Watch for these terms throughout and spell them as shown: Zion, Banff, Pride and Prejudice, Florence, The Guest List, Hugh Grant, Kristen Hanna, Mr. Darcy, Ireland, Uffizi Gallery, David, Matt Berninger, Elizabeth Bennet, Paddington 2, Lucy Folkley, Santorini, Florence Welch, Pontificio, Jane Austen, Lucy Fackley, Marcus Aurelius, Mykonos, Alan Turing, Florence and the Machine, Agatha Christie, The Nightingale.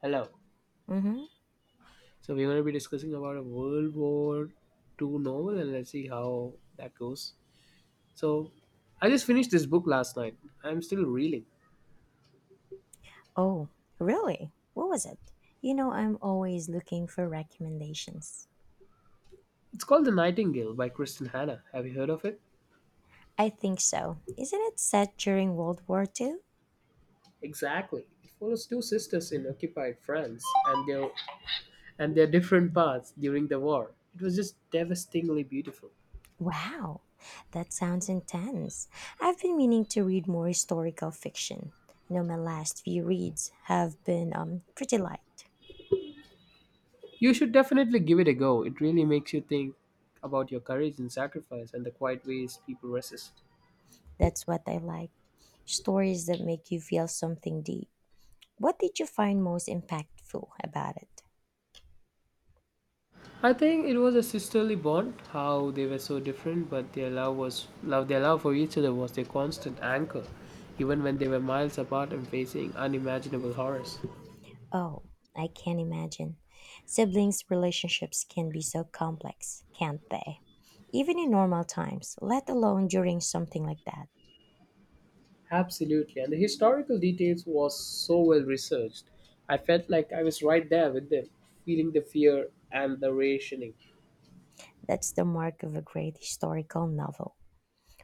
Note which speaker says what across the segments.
Speaker 1: Hello.
Speaker 2: Mm-hmm.
Speaker 1: So we're going to be discussing about a World War Two novel, and let's see how that goes. So I just finished this book last night. I'm still reeling.
Speaker 2: Oh, really? What was it? You know, I'm always looking for recommendations.
Speaker 1: It's called The Nightingale by Kristen Hanna. Have you heard of it?
Speaker 2: I think so. Isn't it set during World War Two?
Speaker 1: Exactly. It follows two sisters in occupied France and their different paths during the war. It was just devastatingly beautiful.
Speaker 2: Wow, that sounds intense. I've been meaning to read more historical fiction. You know, my last few reads have been pretty light.
Speaker 1: You should definitely give it a go. It really makes you think about your courage and sacrifice and the quiet ways people resist.
Speaker 2: That's what I like, stories that make you feel something deep. What did you find most impactful about it?
Speaker 1: I think it was a sisterly bond, how they were so different, but their love for each other was their constant anchor, even when they were miles apart and facing unimaginable horrors.
Speaker 2: Oh, I can imagine. Siblings' relationships can be so complex, can't they? Even in normal times, let alone during something like that.
Speaker 1: Absolutely, and the historical details was so well researched. I felt like I was right there with them, feeling the fear and the rationing.
Speaker 2: That's the mark of a great historical novel,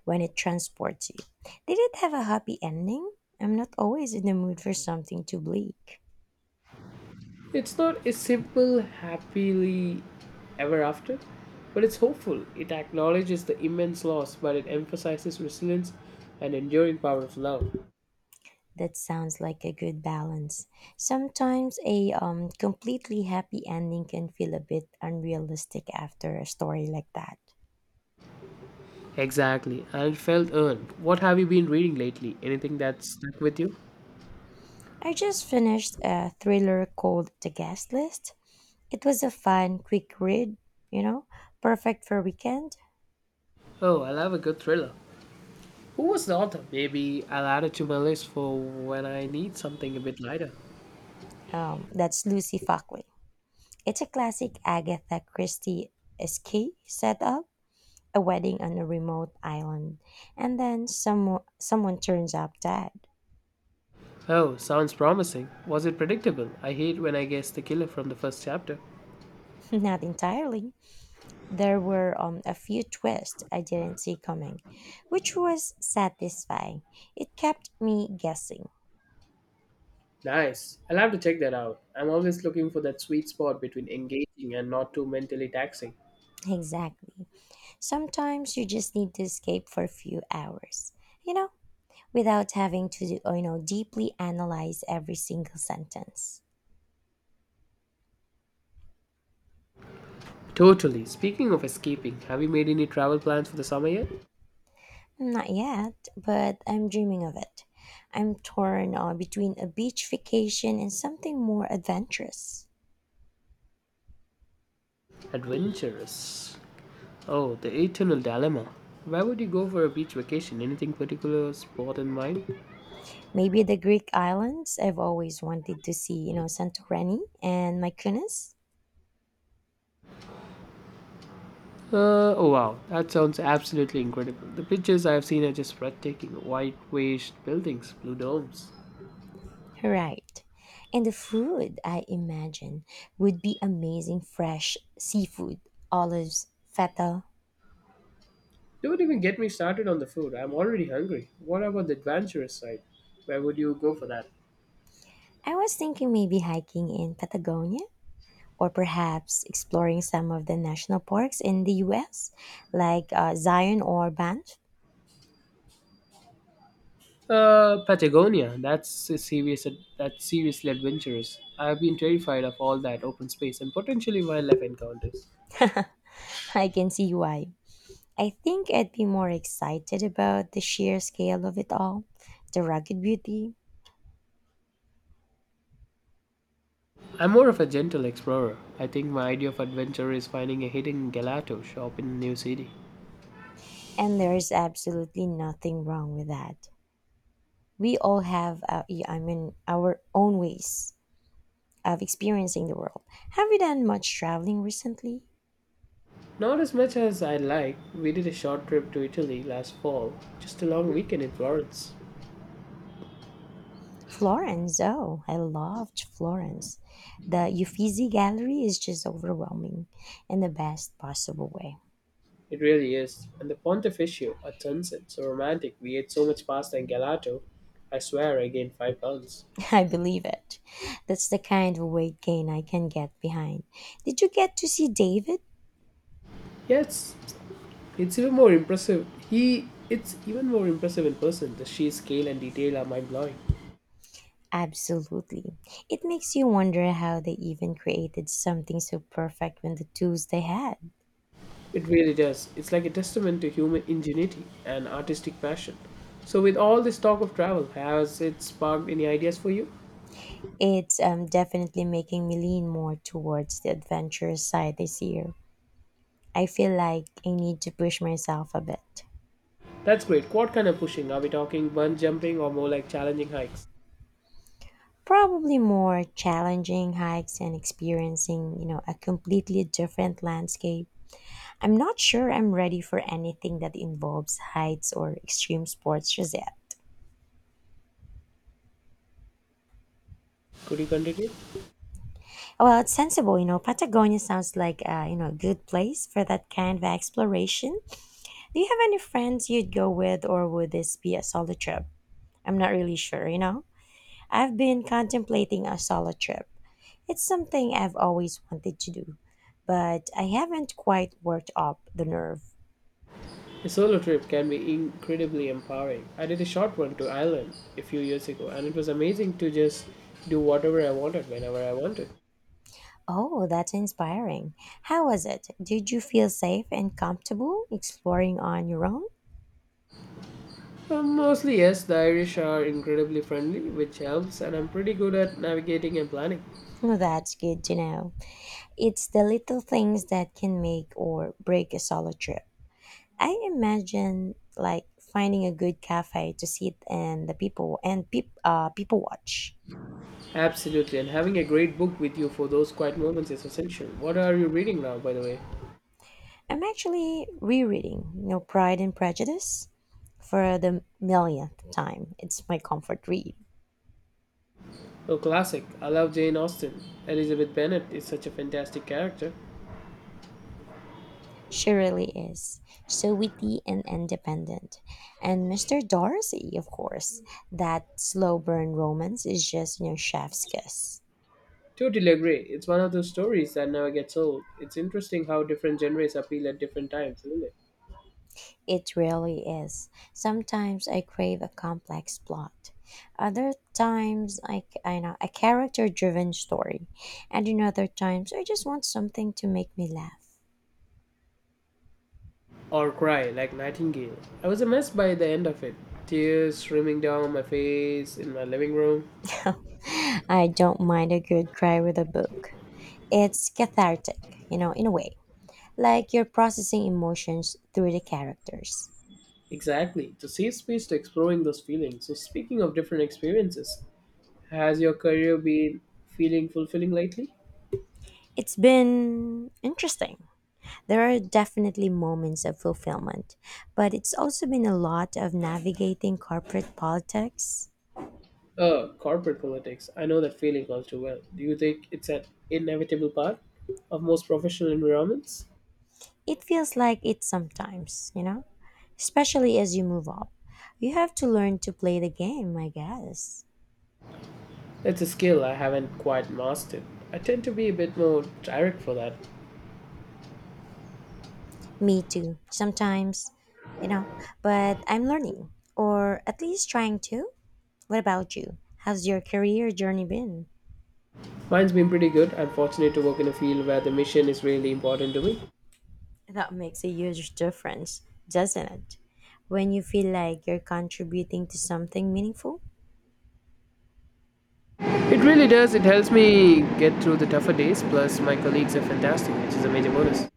Speaker 2: when it transports you. Did it have a happy ending? I'm not always in the mood for something too bleak.
Speaker 1: It's not a simple happily ever after, but it's hopeful. It acknowledges the immense loss, but it emphasizes resilience and enduring power of love.
Speaker 2: That sounds like a good balance. Sometimes a completely happy ending can feel a bit unrealistic after a story like that.
Speaker 1: Exactly, and it felt earned. What have you been reading lately? Anything that stuck with you?
Speaker 2: I just finished a thriller called The Guest List. It was a fun, quick read, you know, perfect for weekend.
Speaker 1: Oh, I love a good thriller. Who was the author? Maybe I'll add it to my list for when I need something a bit lighter.
Speaker 2: That's Lucy Fackley. It's a classic Agatha Christie escape setup, a wedding on a remote island, and then someone turns up dead.
Speaker 1: Oh, sounds promising. Was it predictable? I hate when I guess the killer from the first chapter.
Speaker 2: Not entirely. There were a few twists I didn't see coming, which was satisfying. It kept me guessing.
Speaker 1: Nice. I'll have to check that out. I'm always looking for that sweet spot between engaging and not too mentally taxing.
Speaker 2: Exactly. Sometimes you just need to escape for a few hours, you know, without having to, deeply analyze every single sentence.
Speaker 1: Totally. Speaking of escaping, have you made any travel plans for the summer yet?
Speaker 2: Not yet, but I'm dreaming of it. I'm torn between a beach vacation and something more adventurous.
Speaker 1: Adventurous. Oh, the eternal dilemma. Where would you go for a beach vacation? Anything particular spot in mind?
Speaker 2: Maybe the Greek islands I've always wanted to see, you know, Santorini and Mykonos.
Speaker 1: Oh wow, that sounds absolutely incredible. The pictures I've seen are just breathtaking. White washed buildings, blue domes.
Speaker 2: Right. And the food, I imagine, would be amazing, fresh seafood, olives, feta.
Speaker 1: Don't even get me started on the food. I'm already hungry. What about the adventurous side? Where would you go for that?
Speaker 2: I was thinking maybe hiking in Patagonia or perhaps exploring some of the national parks in the US, like Zion or Banff.
Speaker 1: Patagonia. That's a serious. That's seriously adventurous. I've been terrified of all that open space and potentially wildlife encounters.
Speaker 2: I can see why. I think I'd be more excited about the sheer scale of it all, the rugged beauty,
Speaker 1: I'm more of a gentle explorer. I think my idea of adventure is finding a hidden gelato shop in a new city.
Speaker 2: and there's absolutely nothing wrong with that. We all have, our own ways of experiencing the world. Have you done much traveling recently?
Speaker 1: Not as much as I'd like. We did a short trip to Italy last fall, just a long weekend in Florence.
Speaker 2: Florence, oh, I loved Florence. The Uffizi Gallery is just overwhelming in the best possible way.
Speaker 1: It really is. And the Pontificio at sunset, so romantic. We ate so much pasta and gelato. I swear I gained 5 pounds.
Speaker 2: I believe it. That's the kind of weight gain I can get behind. Did you get to see David?
Speaker 1: Yes, it's even more impressive in person. The sheer scale and detail are mind blowing.
Speaker 2: Absolutely. It makes you wonder how they even created something so perfect when the tools they had.
Speaker 1: It really does. It's like a testament to human ingenuity and artistic passion. So, with all this talk of travel, has it sparked any ideas for you?
Speaker 2: It's definitely making me lean more towards the adventurous side this year. I feel like I need to push myself a bit.
Speaker 1: That's great. What kind of pushing? Are we talking bungee jumping or more like challenging hikes?
Speaker 2: Probably more challenging hikes and experiencing, you know, a completely different landscape. I'm not sure I'm ready for anything that involves heights or extreme sports just yet.
Speaker 1: Could you continue?
Speaker 2: Well, it's sensible, you know. Patagonia sounds like a, you know, good place for that kind of exploration. Do you have any friends you'd go with, or would this be a solo trip? I'm not really sure, you know. I've been contemplating a solo trip. It's something I've always wanted to do, but I haven't quite worked up the nerve.
Speaker 1: A solo trip can be incredibly empowering. I did a short one to Ireland a few years ago, and it was amazing to just do whatever I wanted whenever I wanted.
Speaker 2: Oh, that's inspiring. How was it? Did you feel safe and comfortable exploring on your own?
Speaker 1: Mostly, yes, the Irish are incredibly friendly, which helps, and I'm pretty good at navigating and planning.
Speaker 2: Well, that's good to know. It's the little things that can make or break a solo trip. I imagine, like finding a good cafe to sit and the people and people watch.
Speaker 1: Absolutely, and having a great book with you for those quiet moments is essential. What are you reading now, by the way?
Speaker 2: I'm actually rereading, you know, Pride and Prejudice for the millionth time. It's my comfort read.
Speaker 1: Oh, classic. I love Jane Austen. Elizabeth Bennet is such a fantastic character.
Speaker 2: She really is. So witty and independent. And Mr. Darcy, of course, that slow burn romance is just, you know, chef's kiss.
Speaker 1: Totally agree. It's one of those stories that never gets old. It's interesting how different genres appeal at different times, isn't it?
Speaker 2: It really is. Sometimes I crave a complex plot. Other times, I know, a character driven story. And in other times, I just want something to make me laugh.
Speaker 1: Or Cry, like Nightingale. I was a mess by the end of it. Tears streaming down my face in my living room.
Speaker 2: I don't mind a good cry with a book. It's cathartic, you know, in a way, like you're processing emotions through the characters.
Speaker 1: Exactly, it's a safe space to exploring those feelings. So, speaking of different experiences, has your career been feeling fulfilling lately?
Speaker 2: It's been interesting. There are definitely moments of fulfillment, but it's also been a lot of navigating corporate politics.
Speaker 1: Oh, corporate politics. I know that feeling all too well. Do you think it's an inevitable part of most professional environments?
Speaker 2: It feels like it sometimes, you know, especially as you move up. You have to learn to play the game, I guess.
Speaker 1: It's a skill I haven't quite mastered. I tend to be a bit more direct for that.
Speaker 2: Me too, sometimes, you know, but I'm learning, or at least trying to. What about you? How's your career journey been?
Speaker 1: Mine's been pretty good. I'm fortunate to work in a field where the mission is really important to me.
Speaker 2: That makes a huge difference, doesn't it? When you feel like you're contributing to something meaningful,
Speaker 1: It really does. It helps me get through the tougher days. Plus, my colleagues are fantastic, which is a major bonus.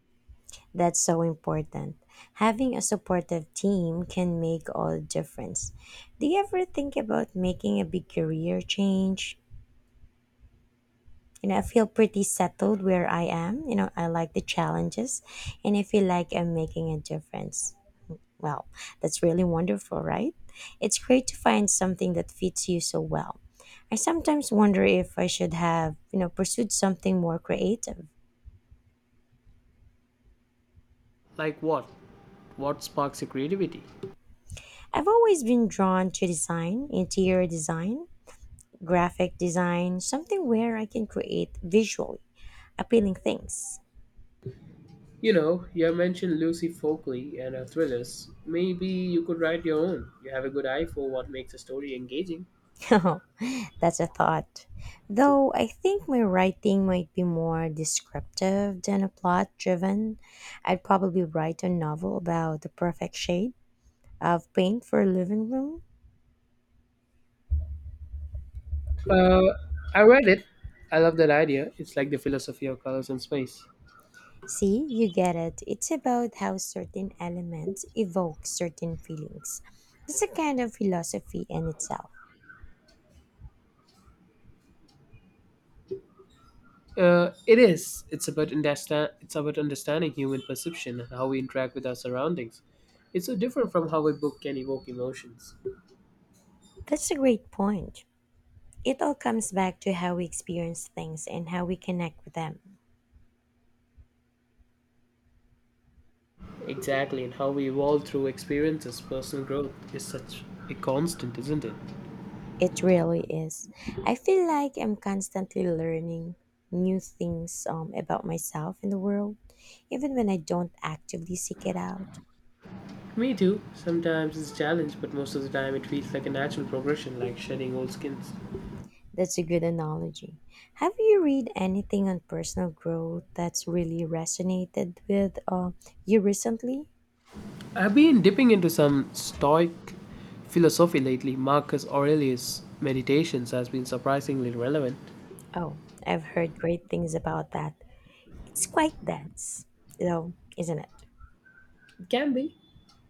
Speaker 2: that's so important. Having a supportive team can make all the difference. Do you ever think about making a big career change? You know, I feel pretty settled where I am. You know, I like the challenges and I feel like I'm making a difference. Well, that's really wonderful, right? It's great to find something that fits you so well. I sometimes wonder if I should have, you know, pursued something more creative.
Speaker 1: Like what? What sparks your creativity?
Speaker 2: I've always been drawn to design, interior design, graphic design, something where I can create visually appealing things.
Speaker 1: You know, you mentioned Lucy Folkley and her thrillers. Maybe you could write your own. You have a good eye for what makes a story engaging.
Speaker 2: That's a thought. Though I think my writing might be more descriptive than a plot driven. I'd probably write a novel about the perfect shade of paint for living room.
Speaker 1: Uh, I read it. I love that idea. It's like the philosophy of colors and space.
Speaker 2: See, you get it. It's about how certain elements evoke certain feelings. It's a kind of philosophy in itself.
Speaker 1: It is. It's about understanding human perception and how we interact with our surroundings. It's so different from how a book can evoke emotions.
Speaker 2: That's a great point. It all comes back to how we experience things and how we connect with them.
Speaker 1: Exactly, and how we evolve through experiences. Personal growth is such a constant, isn't it?
Speaker 2: It really is. I feel like I'm constantly learning new things about myself and the world, even when I don't actively seek it out.
Speaker 1: Me too. Sometimes it's a challenge, but most of the time it feels like a natural progression, like shedding old skins.
Speaker 2: That's a good analogy. Have you read anything on personal growth that's really resonated with you recently?
Speaker 1: I've been dipping into some Stoic philosophy lately. Marcus Aurelius' meditations has been surprisingly relevant.
Speaker 2: Oh, I've heard great things about that. It's quite dense, though, isn't it?
Speaker 1: It can be,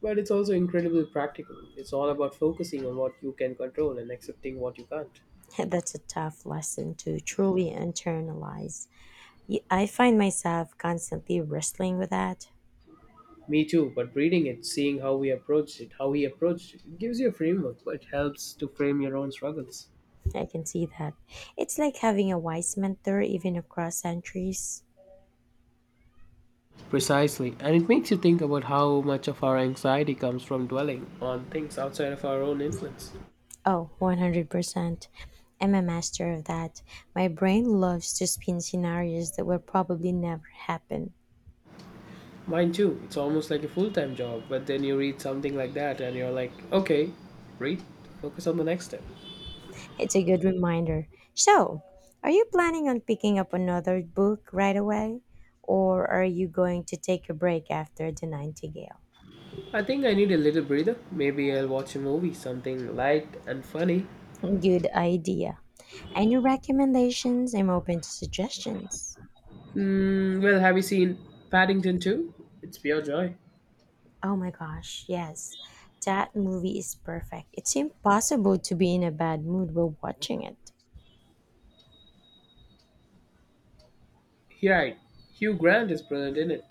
Speaker 1: but it's also incredibly practical. It's all about focusing on what you can control and accepting what you can't.
Speaker 2: That's a tough lesson to truly internalize. I find myself constantly wrestling with that.
Speaker 1: Me too, but reading it, seeing how we approached it, how he approached it, it gives you a framework, but it helps to frame your own struggles.
Speaker 2: I can see that. It's like having a wise mentor even across centuries.
Speaker 1: Precisely, and it makes you think about how much of our anxiety comes from dwelling on things outside of our own influence.
Speaker 2: Oh, 100%. I'm a master of that. My brain loves to spin scenarios that will probably never happen.
Speaker 1: Mine too, it's almost like a full time job, but then you read something like that and you're like, okay, read, focus on the next step.
Speaker 2: It's a good reminder. So, are you planning on picking up another book right away? Or are you going to take a break after The Nightingale?
Speaker 1: I think I need a little breather. Maybe I'll watch a movie, something light and funny.
Speaker 2: Good idea. Any recommendations? I'm open to suggestions.
Speaker 1: Well, have you seen Paddington 2? It's pure joy.
Speaker 2: Oh my gosh, yes. That movie is perfect. It's impossible to be in a bad mood while watching it.
Speaker 1: Right, Hugh Grant is brilliant in it.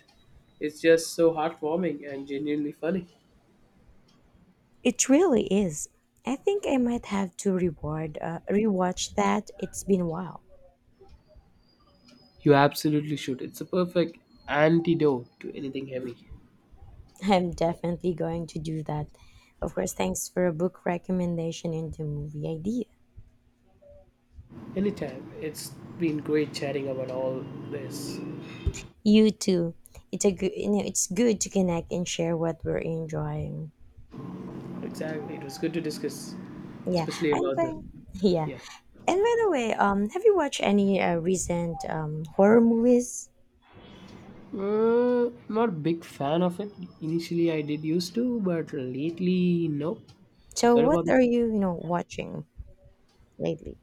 Speaker 1: It's just so heartwarming and genuinely funny.
Speaker 2: It really is. I think I might have to reward rewatch that. It's been a while.
Speaker 1: You absolutely should. It's a perfect antidote to anything heavy.
Speaker 2: I'm definitely going to do that. Of course, thanks for a book recommendation and the movie idea.
Speaker 1: Anytime. It's been great chatting about all this.
Speaker 2: You too. It's a it's good to connect and share what we're enjoying.
Speaker 1: Exactly. It was good to discuss,
Speaker 2: Yeah,
Speaker 1: especially
Speaker 2: and
Speaker 1: about the.
Speaker 2: by yeah,
Speaker 1: Yeah.
Speaker 2: and by the way, have you watched any recent horror movies?
Speaker 1: Not big fan of it. Initially, I did used to, but lately, no.
Speaker 2: So,
Speaker 1: Heard about
Speaker 2: what
Speaker 1: it.
Speaker 2: are you, you know, watching lately?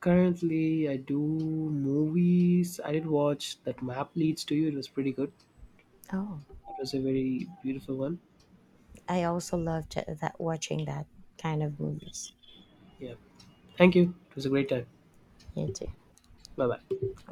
Speaker 1: Currently, I do movies. I did watch that map leads to you. It was pretty good.
Speaker 2: Oh.
Speaker 1: It was a very beautiful one.
Speaker 2: I also loved that watching that kind of movies.
Speaker 1: Yeah. Thank you. It was a great time.
Speaker 2: You too.
Speaker 1: Bye bye.